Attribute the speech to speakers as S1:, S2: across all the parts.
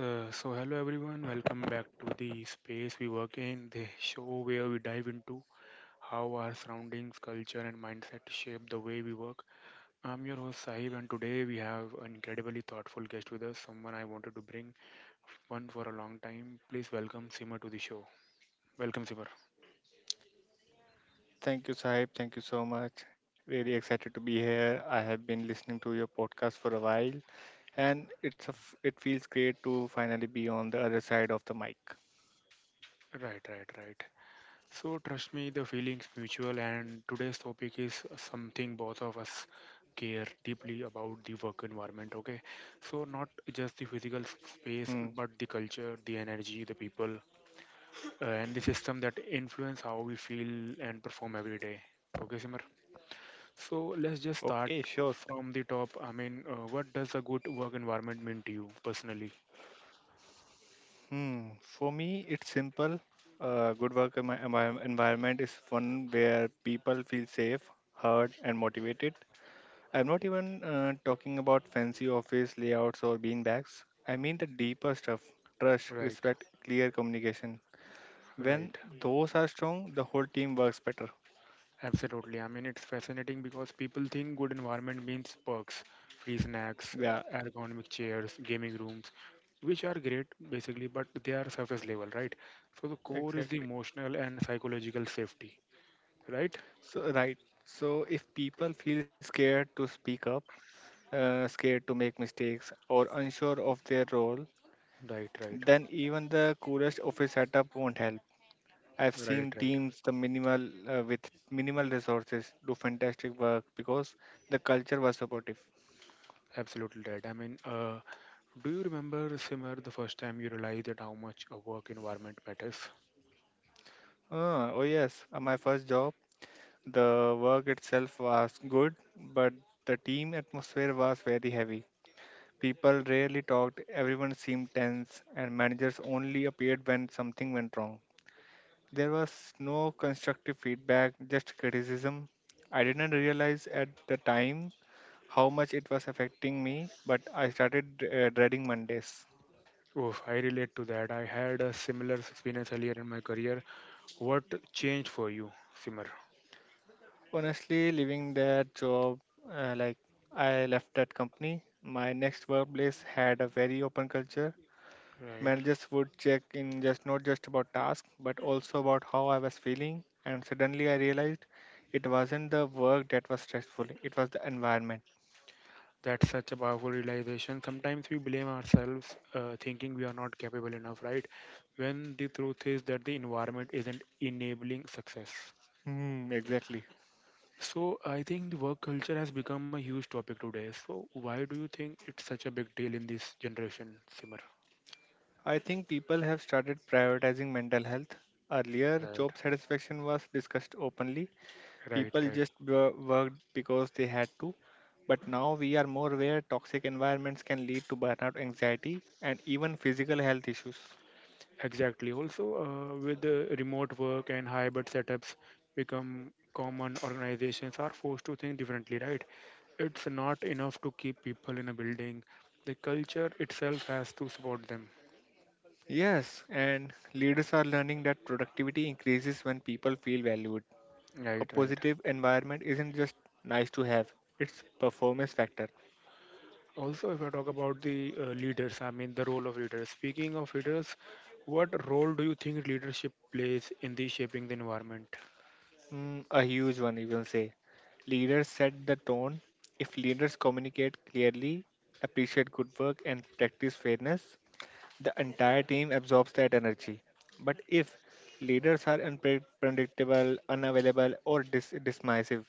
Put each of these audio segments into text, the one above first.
S1: So hello everyone, welcome back to The Space We Work In, the show where we dive into how our surroundings, culture, and mindset shape the way we work. I'm your host Sahib, and today we have an incredibly thoughtful guest with us, someone I wanted to bring one for a long time. Please welcome Simar to the show. Welcome, Simar.
S2: Thank you, Sahib. Thank you so much. Really excited to be here. I have been listening to your podcast for a while, and it feels great to finally be on the other side of the mic.
S1: Right, right, right. So trust me, the feeling's mutual, and today's topic is something both of us care deeply about, the work environment. Okay, so not just the
S2: Hmm.
S1: physical space, but the culture, the energy, the people, and the system that influence how we feel and perform every day. Okay, Simar. So let's
S2: Okay,
S1: just
S2: sure.
S1: start from the top. I mean, what does a good work environment mean to you personally?
S2: Hmm. For me, it's simple. A good work environment is one where people feel safe, heard, and motivated. I'm not even talking about fancy office layouts or beanbags. I mean the deeper stuff: trust,
S1: Right,
S2: respect, clear communication.
S1: right.
S2: When those are strong, the whole team works better.
S1: Absolutely. I mean, it's fascinating because people think good environment means perks, free snacks,
S2: Yeah,
S1: ergonomic chairs, gaming rooms, which are great basically, but they are surface level, right? So the core is the
S2: exactly.
S1: emotional and psychological safety, right?
S2: So, right. So, if people feel scared to speak up, scared to make mistakes, or unsure of their role,
S1: Right, right,
S2: then even the coolest office setup won't help. I've
S1: right,
S2: seen
S1: right.
S2: teams the minimal with minimal resources do fantastic work because the culture was supportive.
S1: Absolutely right. I mean, do you remember, Simar, the first time you realized that how much a work environment matters?
S2: Oh yes, my first job, the work itself was good, but the team atmosphere was very heavy. People rarely talked, everyone seemed tense, and managers only appeared when something went wrong. There was no constructive feedback, just criticism. I didn't realize at the time how much it was affecting me, but I started dreading Mondays.
S1: Oh, I relate to that. I had a similar experience earlier in my career. What changed for you, Simar?
S2: Honestly, leaving that job, uh, like I left that company. My next workplace had a very open culture.
S1: Right.
S2: Managers would check in just not just about tasks, but also about how I was feeling. And suddenly I realized it wasn't the work that was stressful, it was the environment.
S1: That's such a powerful realization. Sometimes we blame ourselves, thinking we are not capable enough, right? When the truth is that the environment isn't enabling success.
S2: Hmm, exactly.
S1: So I think the work culture has become a huge topic today. So why do you think it's such a big deal in this generation, Simmer?
S2: I think people have started prioritizing mental health. Earlier,
S1: Right,
S2: job satisfaction was discussed openly.
S1: right,
S2: People
S1: right.
S2: just worked because they had to. But now we are more aware toxic environments can lead to burnout, anxiety, and even physical health issues.
S1: Exactly. Also, with the remote work and hybrid setups become common, organizations are forced to think differently, right? It's not enough to keep people in a building. The culture itself has to support them.
S2: Yes, and leaders are learning that productivity increases when people feel valued. A
S1: Right, right.
S2: positive environment isn't just nice to have, it's performance factor.
S1: Also, if I talk about the leaders, I mean the role of leaders. Speaking of leaders, what role do you think leadership plays in the shaping the environment?
S2: A huge one, you can say. Leaders set the tone. If leaders communicate clearly, appreciate good work, and practice fairness, the entire team absorbs that energy. But if leaders are unpredictable, unavailable, or dismissive,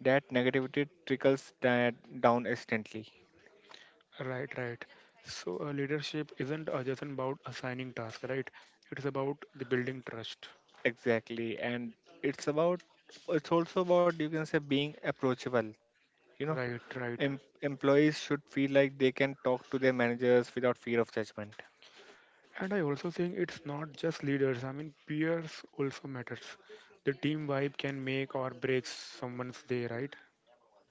S2: that negativity trickles down instantly.
S1: Right, right. So, leadership isn't just about assigning tasks, right? It is about the building trust.
S2: Exactly, and it's about it's also about, you can say, being approachable. You know,
S1: Right, right.
S2: employees should feel like they can talk to their managers without fear of judgment.
S1: And I also think it's not just leaders. I mean, peers also matters. The team vibe can make or break someone's day, right?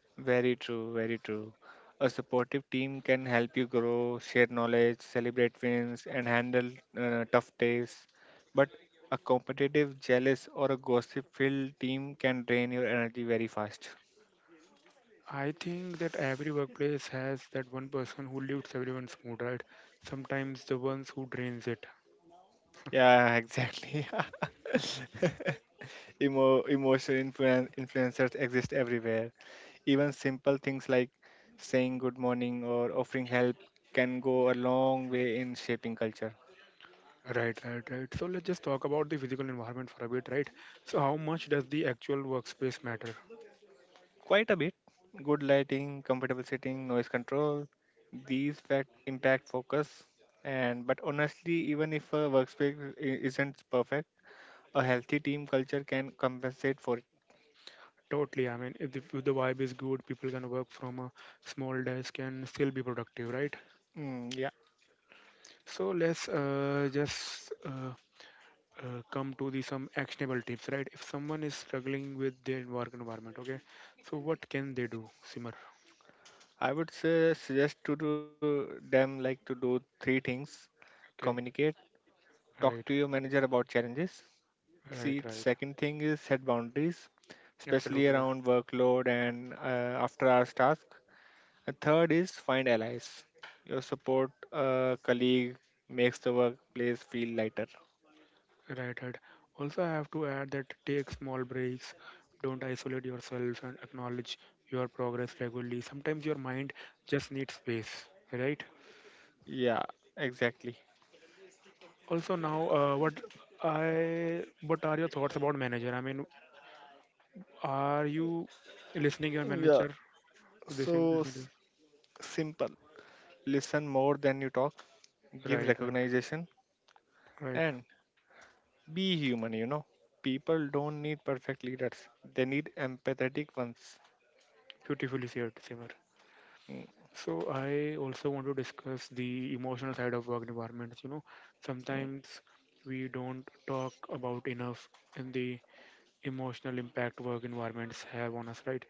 S2: Very true, very true. A supportive team can help you grow, share knowledge, celebrate wins, and handle tough days. But a competitive, jealous, or a gossip-filled team can drain your energy very fast.
S1: I think that every workplace has that one person who lifts everyone's mood, right? Sometimes the ones who drains it.
S2: Yeah, exactly. Emotional influencers exist everywhere. Even simple things like saying good morning or offering help can go a long way in shaping culture.
S1: Right, right, right. So let's just talk about the physical environment for a bit, right? So how much does the actual workspace matter?
S2: Quite a bit. Good lighting, comfortable sitting, noise control. These fact impact focus. And but honestly, even if a workspace isn't perfect, a healthy team culture can compensate for it.
S1: Totally. I mean, if the vibe is good, people can work from a small desk and still be productive, right?
S2: Mm, yeah.
S1: So let's just come to the some actionable tips, right? If someone is struggling with their work environment, okay, so what can they do, Simmer?
S2: I would say suggest to do them like to do three things.
S1: Okay,
S2: Communicate. Talk to
S1: right,
S2: your manager about challenges.
S1: right,
S2: See,
S1: right,
S2: second thing is set boundaries, especially
S1: absolutely,
S2: around workload and after hours task. A third is find allies. Your support colleague makes the workplace feel lighter.
S1: right, right. Also, I have to add that take small breaks, don't isolate yourself, and acknowledge your progress regularly. Sometimes your mind just needs space, right?
S2: Yeah, exactly.
S1: Also, now, what are your thoughts about manager? I mean, are you listening your
S2: Yeah,
S1: manager? Listening,
S2: so
S1: listening,
S2: simple. Listen more than you talk, give
S1: right, right.
S2: recognition,
S1: Right.
S2: and be human, you know. People don't need perfect leaders, they need empathetic ones.
S1: Beautifully said, Simar.
S2: Mm,
S1: So I also want to discuss the emotional side of work environments. You know,
S2: mm.
S1: sometimes we don't talk about enough in the emotional impact work environments have on us, right?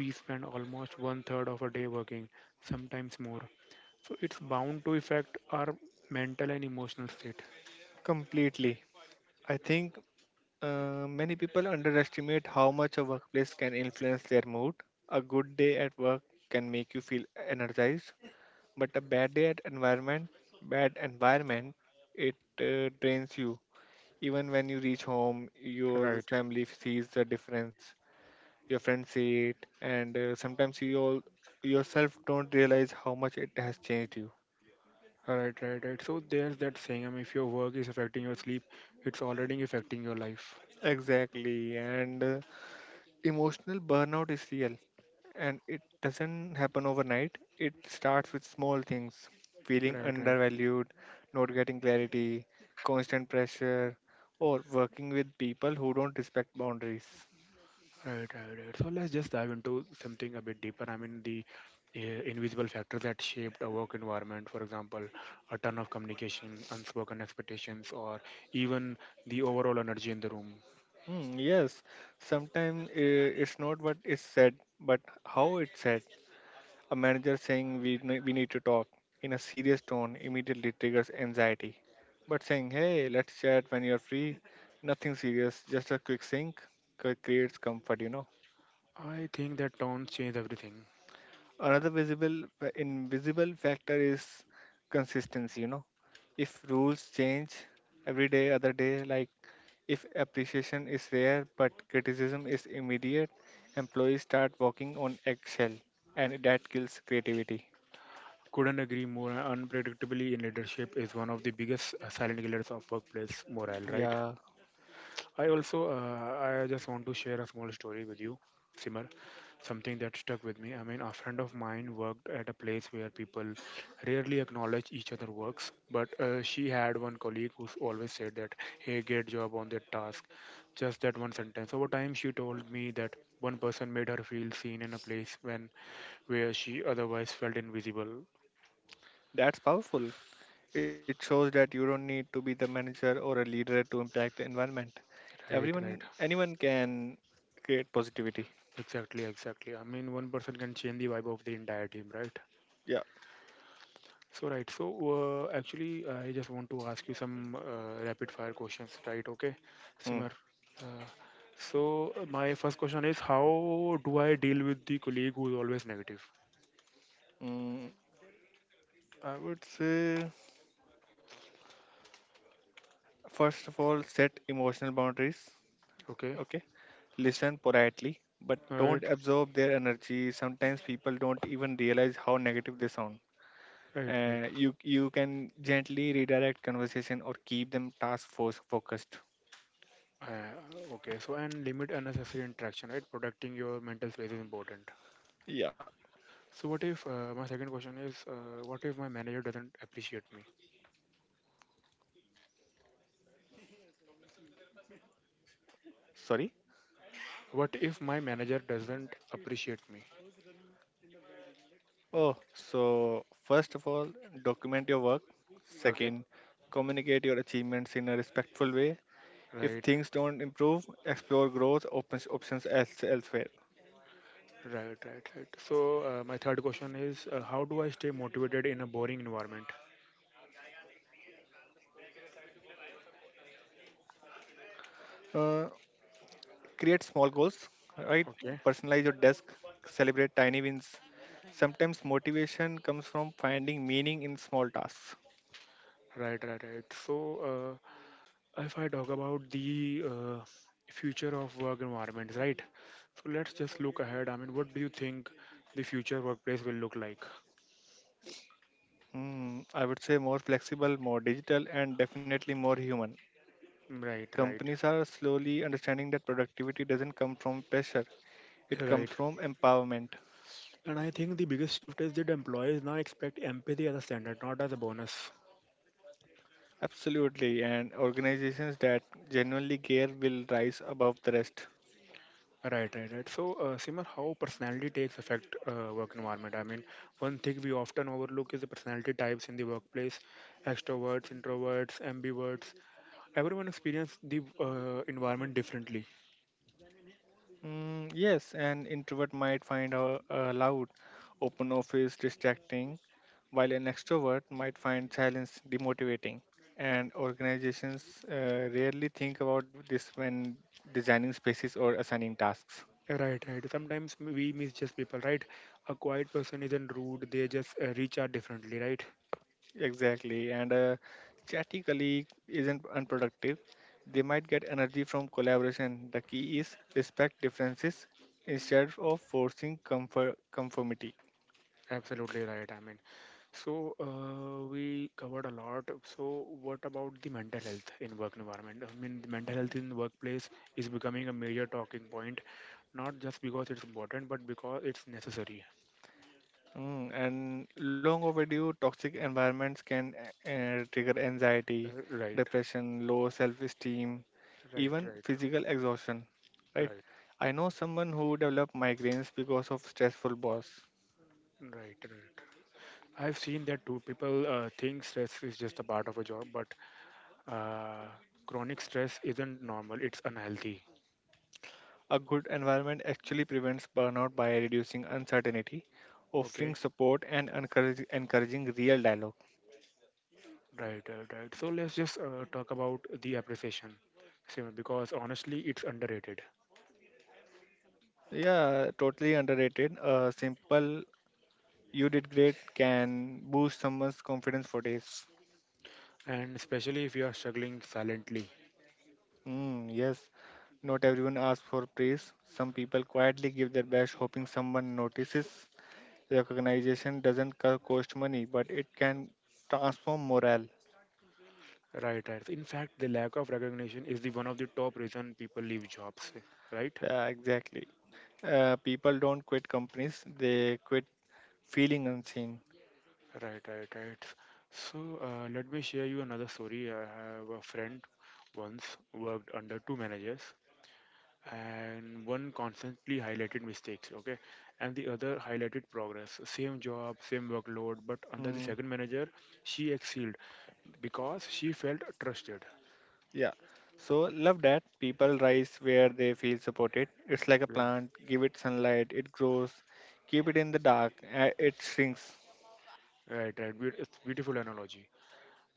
S1: We spend almost one third of a day working, sometimes more. So it's bound to affect our mental and emotional state.
S2: Completely. I think many people underestimate how much a workplace can influence their mood. A good day at work can make you feel energized, but a bad environment, it drains you. Even when you reach home, your
S1: Right.
S2: family sees the difference. Your friends see it, and sometimes you all yourself don't realize how much it has changed you.
S1: Right, right, right. So there's that saying, I mean, if your work is affecting your sleep, it's already affecting your life.
S2: Exactly, and emotional burnout is real, and it doesn't happen overnight. It starts with small things: feeling
S1: Right, right.
S2: undervalued, not getting clarity, constant pressure, or working with people who don't respect boundaries.
S1: Right, right, right. So let's just dive into something a bit deeper. I mean, the invisible factors that shaped a work environment, for example, a ton of communication, unspoken expectations, or even the overall energy in the room.
S2: Hmm, yes, sometimes it's not what is said, but how it's said. A manager saying we need to talk in a serious tone immediately triggers anxiety. But saying, hey, let's chat when you're free, nothing serious, just a quick sync, creates comfort, you know.
S1: I think that tones change everything.
S2: Another invisible factor is consistency. You know, if rules change every day, other day, like if appreciation is rare but criticism is immediate, employees start walking on eggshell, and that kills creativity.
S1: Couldn't agree more. Unpredictability in leadership is one of the biggest silent killers of workplace morale, right?
S2: Yeah,
S1: I also, I just want to share a small story with you, Simar. Something that stuck with me. I mean, a friend of mine worked at a place where people rarely acknowledge each other works, but she had one colleague who always said that, "Hey, great job on that task." Just that one sentence. Over time, she told me that one person made her feel seen in a place when where she otherwise felt invisible.
S2: that's powerful. It shows that you don't need to be the manager or a leader to impact the environment.
S1: Right, right.
S2: Everyone, anyone can create positivity.
S1: Exactly, exactly. I mean, one person can change the vibe of the entire team, right?
S2: Yeah.
S1: So, right. So, actually, I just want to ask you some rapid fire questions, right? Okay,
S2: Mm.
S1: Simar. Uh, my first question is how do I deal with the colleague who's always negative?
S2: Mm, I would say. First of all, set emotional boundaries.
S1: Okay,
S2: Okay. Listen politely, but don't
S1: right,
S2: absorb their energy. Sometimes people don't even realize how negative they sound.
S1: right, right.
S2: You can gently redirect conversation or keep them task force focused.
S1: Okay, so, and limit unnecessary interaction, right? Protecting your mental space is important.
S2: Yeah.
S1: So, what if my second question is what if my manager doesn't appreciate me?
S2: Sorry.
S1: What if my manager doesn't appreciate me?
S2: Oh, so first of all, document your work.
S1: Okay,
S2: Second, communicate your achievements in a respectful way. If
S1: right.
S2: things don't improve, explore growth opens options else, elsewhere.
S1: Right, right, right. So, my third question is how do I stay motivated in a boring environment?
S2: Uh, Create small goals, right? Personalize your desk,
S1: Okay,
S2: celebrate tiny wins. Sometimes motivation comes from finding meaning in small tasks.
S1: right, right, right. So, if I talk about the future of work environments, right? So, let's just look ahead. I mean, what do you think the future workplace will look like?
S2: Hmm, I would say more flexible, more digital, and definitely more human. Companies
S1: Right,
S2: are
S1: right,
S2: slowly understanding that productivity doesn't come from pressure, it comes
S1: right.
S2: from empowerment.
S1: And I think the biggest shift is that employees now expect empathy as a standard, not as a bonus.
S2: Absolutely, and organizations that genuinely care will rise above the rest.
S1: Right, right, right. So, Simar, how personality takes affect work environment? I mean, one thing we often overlook is the personality types in the workplace: extroverts, introverts, ambiverts. Everyone experiences the environment differently.
S2: Mm, yes, an introvert might find a loud, open office distracting, while an extrovert might find silence demotivating. And organizations rarely think about this when designing spaces or assigning tasks.
S1: Right, right. Sometimes we misjudge people. Right, a quiet person isn't rude; they just reach out differently. Right.
S2: Exactly. And a chatty colleague isn't unproductive. They might get energy from collaboration. The key is respect differences instead of forcing comfort conformity.
S1: Absolutely right. I mean. So we covered a lot. So what about the mental health in work environment? I mean, the mental health in workplace is becoming a major talking point, not just because it's important, but because it's necessary.
S2: Mm, and long overdue toxic environments can trigger anxiety,
S1: Right,
S2: depression, low self-esteem,
S1: right,
S2: even
S1: right,
S2: physical exhaustion. Right?
S1: right,
S2: I know someone who developed migraines because of stressful boss.
S1: right, right. I've seen that too. People think stress is just a part of a job, but uh, chronic stress isn't normal. It's unhealthy.
S2: A good environment actually prevents burnout by reducing uncertainty,
S1: Okay,
S2: offering support and encouraging real dialogue.
S1: right, right, right. So let's just talk about the appreciation, Simon, because honestly, it's underrated.
S2: Yeah, totally underrated. A simple "you did great" can boost someone's confidence for days.
S1: And especially if you are struggling silently.
S2: Mm, yes, not everyone asks for praise. Some people quietly give their best, hoping someone notices. Recognition doesn't cost money, but it can transform morale.
S1: Right, right. In fact, the lack of recognition is the one of the top reason people leave jobs, right,
S2: Yeah, exactly. People don't quit companies, they quit feeling unseen.
S1: right, right, right. So let me share you another story. I have a friend once worked under two managers, and one constantly highlighted mistakes, okay, and the other highlighted progress. Same job, same workload, but under the
S2: Mm,
S1: second manager she excelled because she felt trusted.
S2: yeah. So, love that. People rise where they feel supported. It's like a
S1: Right,
S2: plant, give it sunlight, it grows. Keep it in the dark, it shrinks.
S1: right, right. It's beautiful analogy.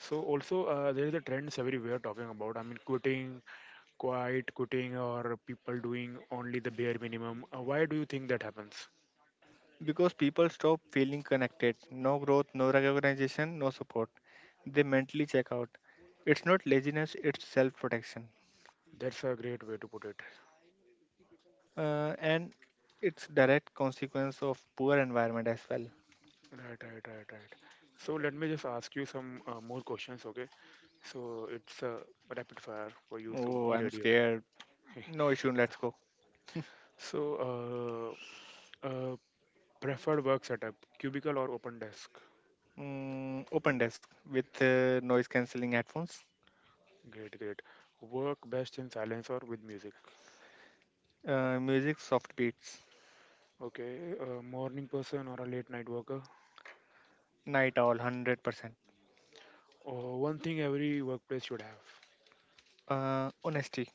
S1: So also there is a trends everywhere talking about. I mean, quitting, quiet quitting, or people doing only the bare minimum. Why do you think that happens?
S2: Because people stop feeling connected. No growth, no recognition, no support. They mentally check out. It's not laziness, it's self protection.
S1: That's a great way to put it.
S2: And it's direct consequence of poor environment as well.
S1: Right, right, right, right. So let me just ask you some more questions, okay? So it's a rapid fire for you, so
S2: Oh,
S1: be
S2: I'm
S1: ready,
S2: scared.
S1: okay?
S2: No issue, let's go.
S1: So uh, uh, preferred work setup: cubicle or open desk?
S2: Mm, open desk with noise cancelling headphones.
S1: Great, great. Work best in silence or with music?
S2: Music, soft beats.
S1: Okay, a morning person or a late night worker?
S2: Night owl, 100%.
S1: Oh, one thing every workplace should have.
S2: Honesty.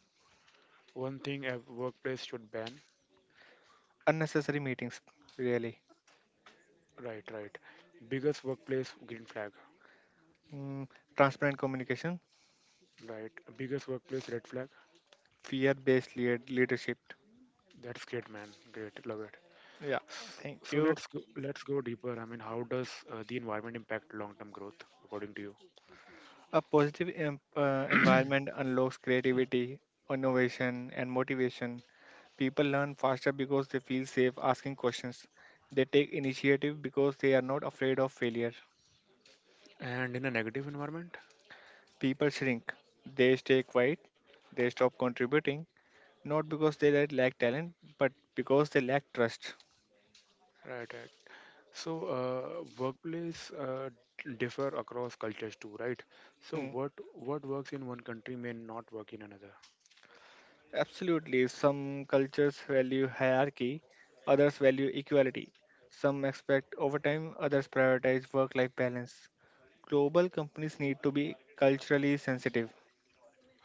S1: One thing a workplace should ban.
S2: Unnecessary meetings, really.
S1: Right, right. Biggest workplace green flag.
S2: Mm, transparent communication.
S1: Right. Biggest workplace red flag.
S2: Fear based leadership.
S1: That's great, man. Great, love it.
S2: Yeah,
S1: S-
S2: thank
S1: So
S2: you.
S1: let's go deeper. I mean, how does the environment impact long-term growth, according to you?
S2: A positive environment unlocks creativity, innovation, and motivation. People learn faster because they feel safe asking questions. They take initiative because they are not afraid of failure.
S1: And in a negative environment?
S2: People shrink. They stay quiet. They stop contributing, not because they lack talent, but because they lack trust.
S1: Right, right. So workplace differ across cultures too, right? So
S2: Hmm.
S1: what works in one country may not work in another.
S2: Absolutely. Some cultures value hierarchy, others value equality. Some expect overtime, others prioritize work life balance. Global companies need to be culturally sensitive.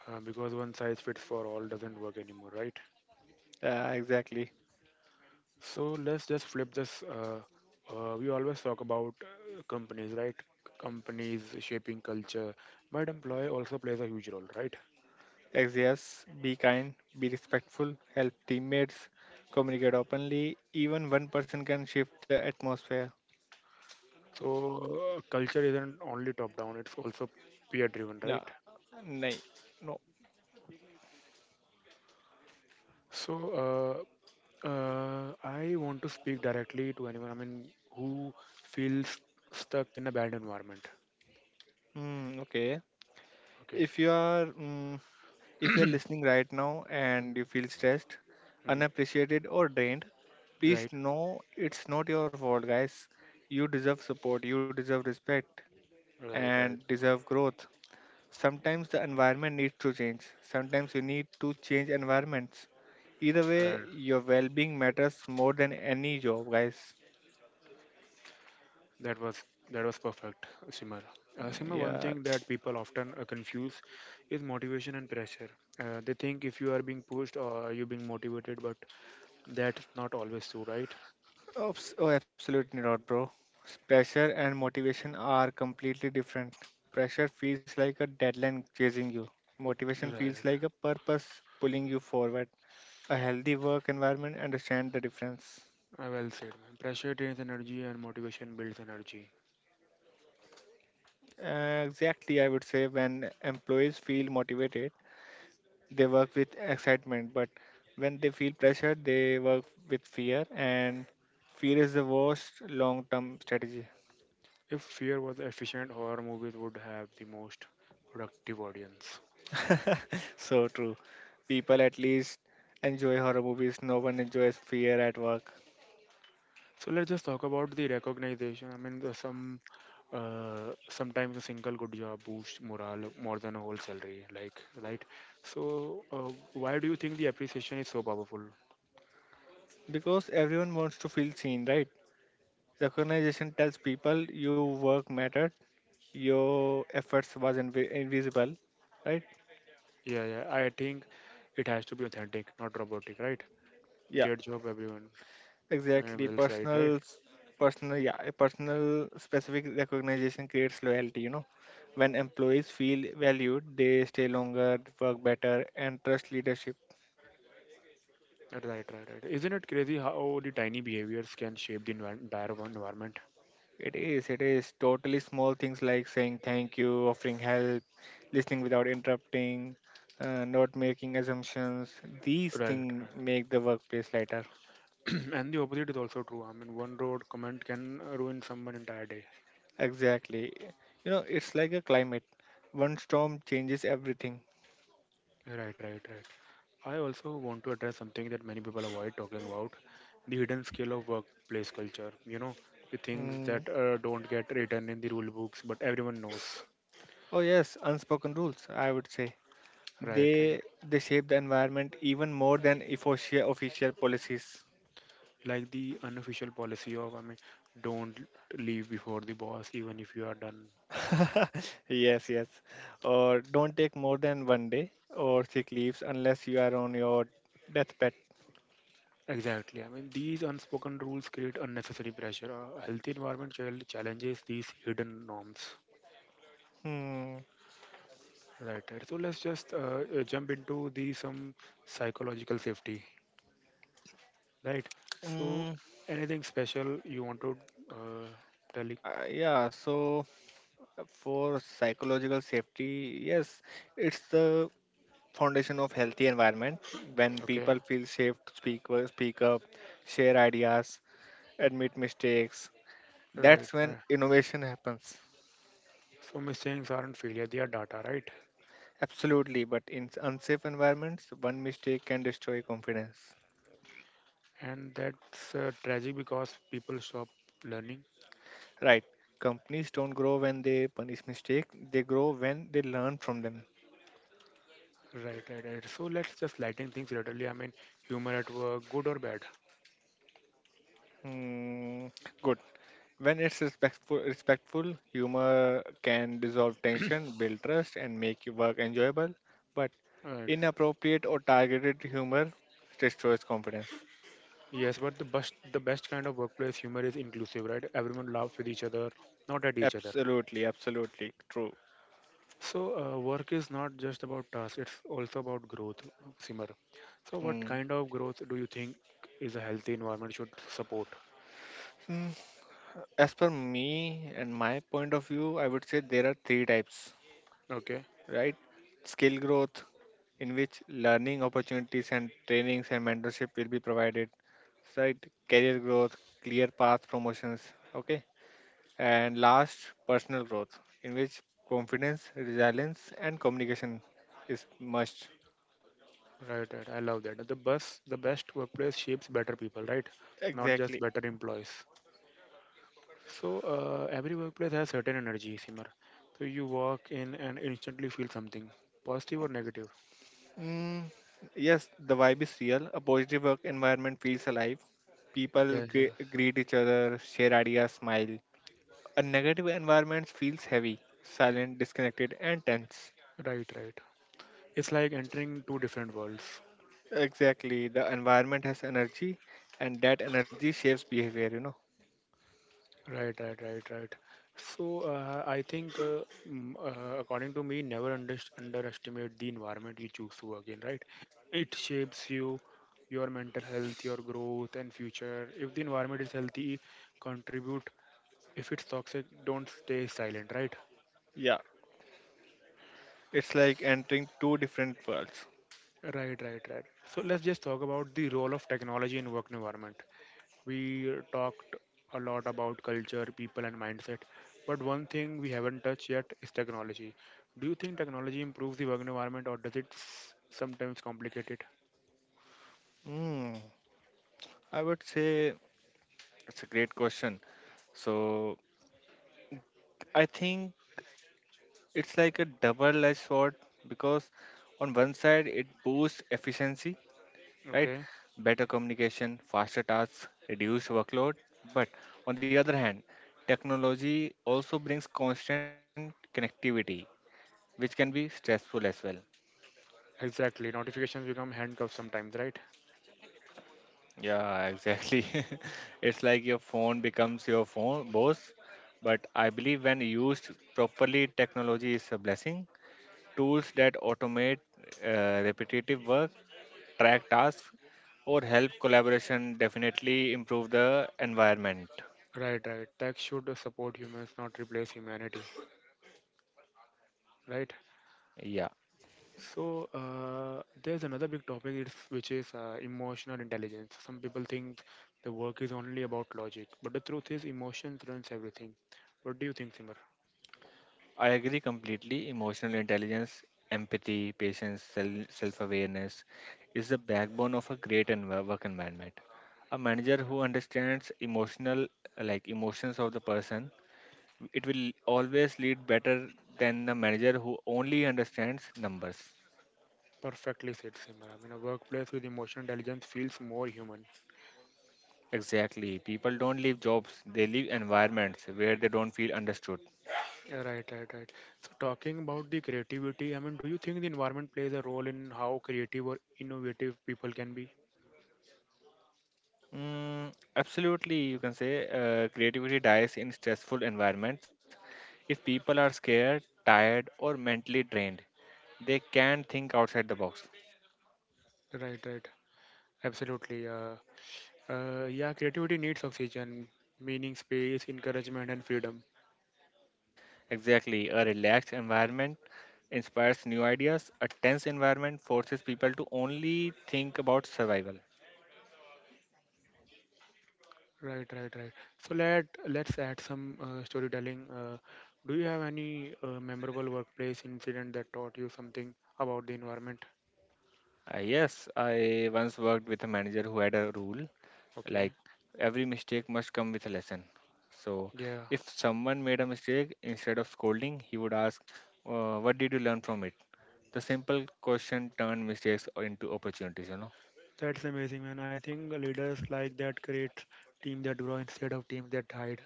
S1: Because one size fits for all doesn't work anymore, right?
S2: Exactly.
S1: So let's just flip this. We always talk about companies, right? Companies shaping culture, but employee also plays a huge role, right?
S2: Yes, be kind, be respectful, help teammates, communicate openly. Even one person can shift the atmosphere.
S1: So culture isn't only top down; it's also peer driven,
S2: Yeah,
S1: right?
S2: nay, no.
S1: So I want to speak directly to anyone. I mean, who feels stuck in a bad environment?
S2: Mm, okay.
S1: Okay.
S2: If you are, mm, if you're listening right now and you feel stressed,
S1: Mhm.
S2: unappreciated, or drained, please
S1: Right.
S2: know it's not your fault, guys. You deserve support, you deserve respect, and
S1: Right. Right.
S2: deserve growth. Sometimes the environment needs to change, sometimes you need to change environments. Either
S1: Right.
S2: way, your well being matters more than any job, guys.
S1: That was that was perfect, Simar.
S2: Mm.
S1: Simar, one
S2: Yeah.
S1: thing that people often confuse is motivation and pressure. They think if you are being pushed or you being motivated, but that's not always true, right?
S2: Oh, absolutely not, bro. Pressure and motivation are completely different. Pressure feels like a deadline chasing you. Motivation feels
S1: Right.
S2: like a purpose pulling you forward. A healthy work environment understand the difference.
S1: Well said, man. Pressure drains energy and motivation builds energy.
S2: Exactly, I would say when employees feel motivated, they work with excitement, but when they feel pressured, they work with fear, and fear is the worst long-term strategy.
S1: If fear was efficient, horror movies would have the most productive audience.
S2: So true. People at least enjoy horror movies. No one enjoys fear at work
S1: So let's just talk about the recognition. I mean, the some sometimes a single good job boosts morale more than a whole salary. Like, right? So why do you think the appreciation is so powerful?
S2: because everyone wants to feel seen, right? Recognition tells people your work mattered, your efforts was invisible, right?
S1: Yeah, yeah. I think it has to be authentic, not robotic, right?
S2: Yeah,
S1: Get job, everyone.
S2: exactly.
S1: Else, right, right,
S2: Personal, s- personal, yeah, a personal specific recognition creates loyalty. You know, when employees feel valued, they stay longer, work better, and trust leadership.
S1: right, right, right. right. Isn't it crazy how the tiny behaviors can shape the entire one environment?
S2: It is totally small things like saying thank you, offering help, listening without interrupting, not making assumptions. These
S1: Right,
S2: things make the workplace lighter.
S1: right. and the opposite is also true. I mean, one road comment can ruin someone entire day.
S2: Exactly. You know, it's like a climate. One storm changes everything.
S1: Right, right, right. I also want to address something that many people avoid talking about the hidden scale of workplace culture. You know, the things
S2: Mm.
S1: that don't get written in the rule books, but everyone knows.
S2: Oh yes, unspoken rules, I would say.
S1: Right, right.
S2: They shape the environment even more than official policies.
S1: Like the unofficial policy of, I mean, don't leave before the boss, even if you are done.
S2: Yes, yes. Or don't take more than one day or sick leaves unless you are on your deathbed.
S1: Exactly. I mean, these unspoken rules create unnecessary pressure. A healthy environment challenges these hidden norms.
S2: Hmm.
S1: Right, right. So let's just jump into the some psychological safety. Right. So,
S2: Mm,
S1: anything special you want to uh, tell? It?
S2: yeah, so for psychological safety, yes, it's the foundation of healthy environment. When
S1: Okay.
S2: people feel safe to speak, speak up, share ideas, admit mistakes,
S1: Right.
S2: that's when
S1: Right.
S2: innovation happens.
S1: So mistakes aren't failure; they are data, right?
S2: Absolutely, but in unsafe environments, one mistake can destroy confidence.
S1: And that's tragic because people stop learning.
S2: Right. Companies don't grow when they punish mistakes, they grow when they learn from them.
S1: Right, right, right. So let's just lighten things relatively. I mean, humor at work, good or bad.
S2: Mm, good. When it's respectful, humor can dissolve tension, build trust, and make your work enjoyable. But
S1: Right.
S2: inappropriate or targeted humor destroys confidence.
S1: Yes, but the best kind of workplace humor is inclusive, right? Everyone laughs with each other, not at each other.
S2: Absolutely, absolutely true.
S1: So, work is not just about tasks, it's also about growth, Simar. So, what
S2: Mm.
S1: kind of growth do you think is a healthy environment should support?
S2: Mm, As per me and my point of view, I would say there are three types,
S1: Okay,
S2: right? Skill growth, in which learning opportunities and trainings and mentorship will be provided, right? Career growth, clear path promotions, okay? And last, personal growth, in which confidence, resilience, and communication is must.
S1: right, right. I love that. The best workplace shapes better people, right? Not just
S2: Exactly.
S1: better employees. So, every workplace has certain energy, Simar. So, you walk in and instantly feel something, positive or negative.
S2: Mm, yes, the vibe is real. A positive work environment feels alive. People
S1: Yes, yes.
S2: greet each other, share ideas, smile. A negative environment feels heavy, silent, disconnected, and tense.
S1: Right, right. It's like entering two different worlds.
S2: Exactly. The environment has energy, and that energy shapes behavior.
S1: Right, right, right, right. So I think, according to me, never underestimate the environment you choose to work in. Right, it shapes you, your mental health, your growth, and future. If the environment is healthy, contribute. If it's toxic, don't stay silent. Right,
S2: Yeah. It's like entering two different worlds.
S1: right, right, right. So let's just talk about the role of technology in work environment. We talked a lot about culture, people, and mindset, but one thing we haven't touched yet is technology. Do you think technology improves the work environment or does it sometimes complicate it?
S2: Hmm. I would say it's a great question. So I think it's like a double-edged sword because on one side it boosts efficiency, right?
S1: Okay,
S2: Better communication, faster tasks, reduced workload. But on the other hand, technology also brings constant connectivity, which can be stressful as well.
S1: exactly. Notifications become handcuffs sometimes, right?
S2: Yeah, exactly. It's like your phone becomes your phone boss. But I believe when used properly, technology is a blessing. Tools that automate repetitive work, track tasks, or help collaboration definitely improve the environment.
S1: Right, right. Tech should support humans, not replace humanity, right?
S2: Yeah.
S1: So there's another big topic, it's, which is emotional intelligence. Some people think the work is only about logic, but the truth is emotions runs everything. What do you think, Simar?
S2: I agree completely. Emotional intelligence, empathy, patience, self awareness is the backbone of a great work environment. A manager
S1: Per-
S2: who understands emotional like emotions of the person, it will always lead better than the manager who only understands numbers.
S1: Perfectly said, Simran. I mean, a workplace with emotional intelligence feels more human.
S2: Exactly. People don't leave jobs, they leave environments where they don't feel understood.
S1: Yeah, right, right, right. So, talking about the creativity, I mean, do you think the environment plays a role in how creative or innovative people can be?
S2: Mm, absolutely, you can say creativity dies in stressful environments. If people are scared, tired, or mentally drained, they can not think outside the box.
S1: Right, right. Absolutely. Yeah, creativity needs oxygen, meaning, space, encouragement, and freedom.
S2: Exactly, a relaxed environment inspires new ideas, a tense environment forces people to only think about survival.
S1: Right, right, right. So let's add some storytelling. Do you have any memorable workplace incident that taught you something about the environment?
S2: Yes, I once worked with a manager who had a rule
S1: Okay.
S2: like every mistake must come with a lesson. So
S1: Yeah.
S2: if someone made a mistake, instead of scolding he would ask, what did you learn from it? The simple question turned mistakes into opportunities.
S1: That's amazing, man. I think leaders like that create team that grow instead of teams that hide.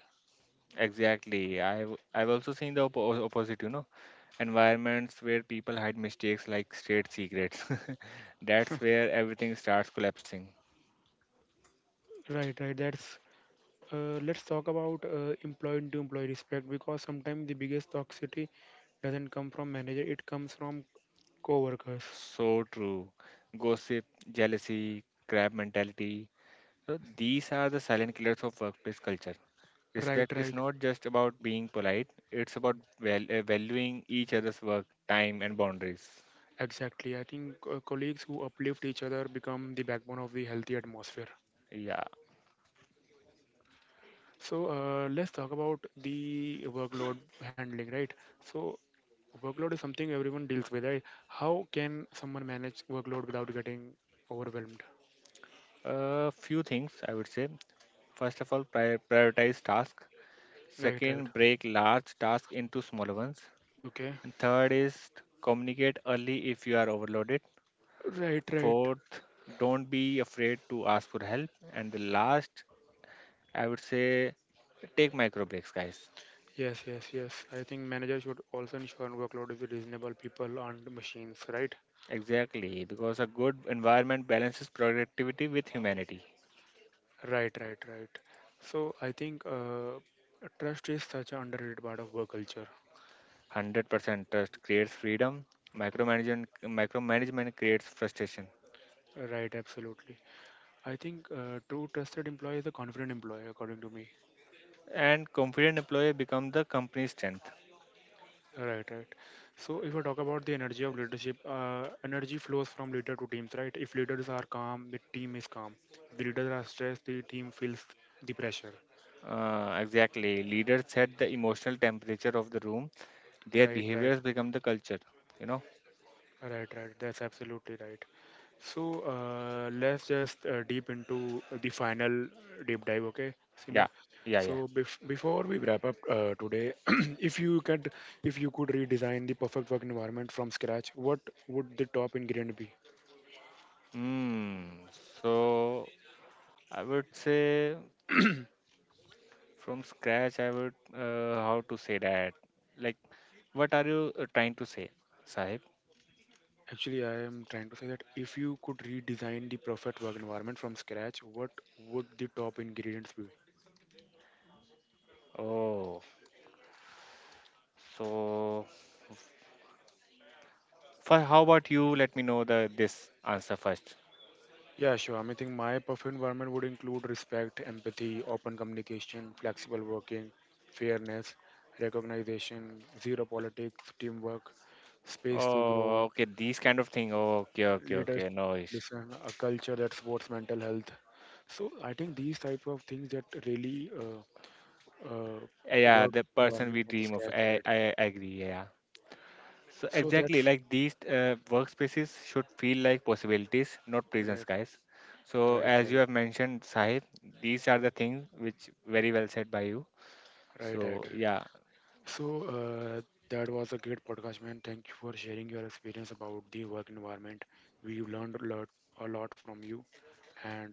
S2: Exactly. I've also seen the opposite, you know, environments where people hide mistakes like state secrets. That's where everything starts collapsing.
S1: Right, right. That's let's talk about employee to employee respect because sometimes the biggest toxicity doesn't come from manager; it comes from coworkers.
S2: So true. Gossip, jealousy, crab mentality, so these are the silent killers of workplace culture.
S1: Right,
S2: Respect is
S1: right.
S2: not just about being polite, it's about valuing each other's work, time, and boundaries.
S1: Exactly. I think colleagues who uplift each other become the backbone of the healthy atmosphere.
S2: Yeah.
S1: So let's talk about the workload handling, right? So workload is something everyone deals with, right? How can someone manage workload without getting overwhelmed?
S2: A few things I would say. First of all, prioritize tasks.
S1: Right, right.
S2: Second, break large tasks into smaller ones.
S1: Okay.
S2: And third is communicate early if you are overloaded.
S1: Right, right.
S2: Fourth, don't be afraid to ask for help. And the last, I would say, take micro breaks, guys.
S1: Yes, yes, yes. I think managers should also ensure workload is reasonable. People aren't machines, right?
S2: Exactly, because a good environment balances productivity with humanity.
S1: Right, right, right. So I think trust is such an underrated part of work culture.
S2: 100% trust creates freedom, micromanagement creates frustration,
S1: Right, absolutely. I think true trusted employee is a confident employee, according to me.
S2: and confident employee become the company's strength.
S1: Right, right. So if I talk about the energy of leadership, energy flows from leader to teams, right? If leaders are calm, the team is calm. If the leaders are stressed, the team feels the pressure.
S2: Exactly. Leaders set the emotional temperature of the room. Their
S1: Right, right,
S2: behaviors become the culture. You know?
S1: right, right. That's absolutely right. So let's just deep into the final deep dive, okay, Simir?
S2: Yeah. Yeah. Yeah.
S1: So before we wrap up today, if you could, if you could redesign the perfect work environment from scratch, what would the top ingredient be?
S2: Hmm. So I would say from scratch. I would how to say that. Like, what are you trying to say, Sahib?
S1: Actually, I am trying to say that if you could redesign the perfect work environment from scratch, what would the top ingredients be?
S2: Oh. So for how about you? Let me know the this answer first.
S1: Yeah, sure. I mean, I think my perfect environment would include respect, empathy, open communication, flexible working, fairness, recognition, zero politics, teamwork, space to
S2: Oh,
S1: grow,
S2: okay. These kind of thing. Okay, okay,
S1: leadership,
S2: okay. No issue.
S1: listen, a culture that supports mental health. So I think these type of things that really uh,
S2: Yeah,
S1: work
S2: the person
S1: environment
S2: we
S1: from the
S2: dream of.
S1: scratch,
S2: I,
S1: right?
S2: I agree. Yeah. So
S1: So
S2: exactly
S1: that's
S2: like these workspaces should feel like possibilities, not prisons,
S1: right.
S2: guys. So
S1: Right,
S2: as you
S1: right,
S2: have mentioned, Sahib, these are the things which very well said by you.
S1: right, right,
S2: So
S1: right.
S2: yeah,
S1: So that was a great podcast, man. Thank you for sharing your experience about the work environment. We've learned a lot from you, and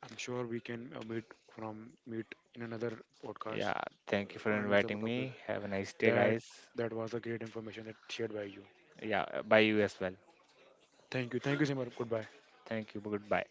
S1: I'm sure we can meet from meet in another podcast
S2: yeah. Thank you for
S1: on some
S2: inviting
S1: topic.
S2: me. Have a nice day,
S1: That
S2: guys.
S1: that was a great information that shared by you.
S2: Yeah, by you as well.
S1: Thank you, thank you, Simar. Goodbye.
S2: Thank you. Goodbye.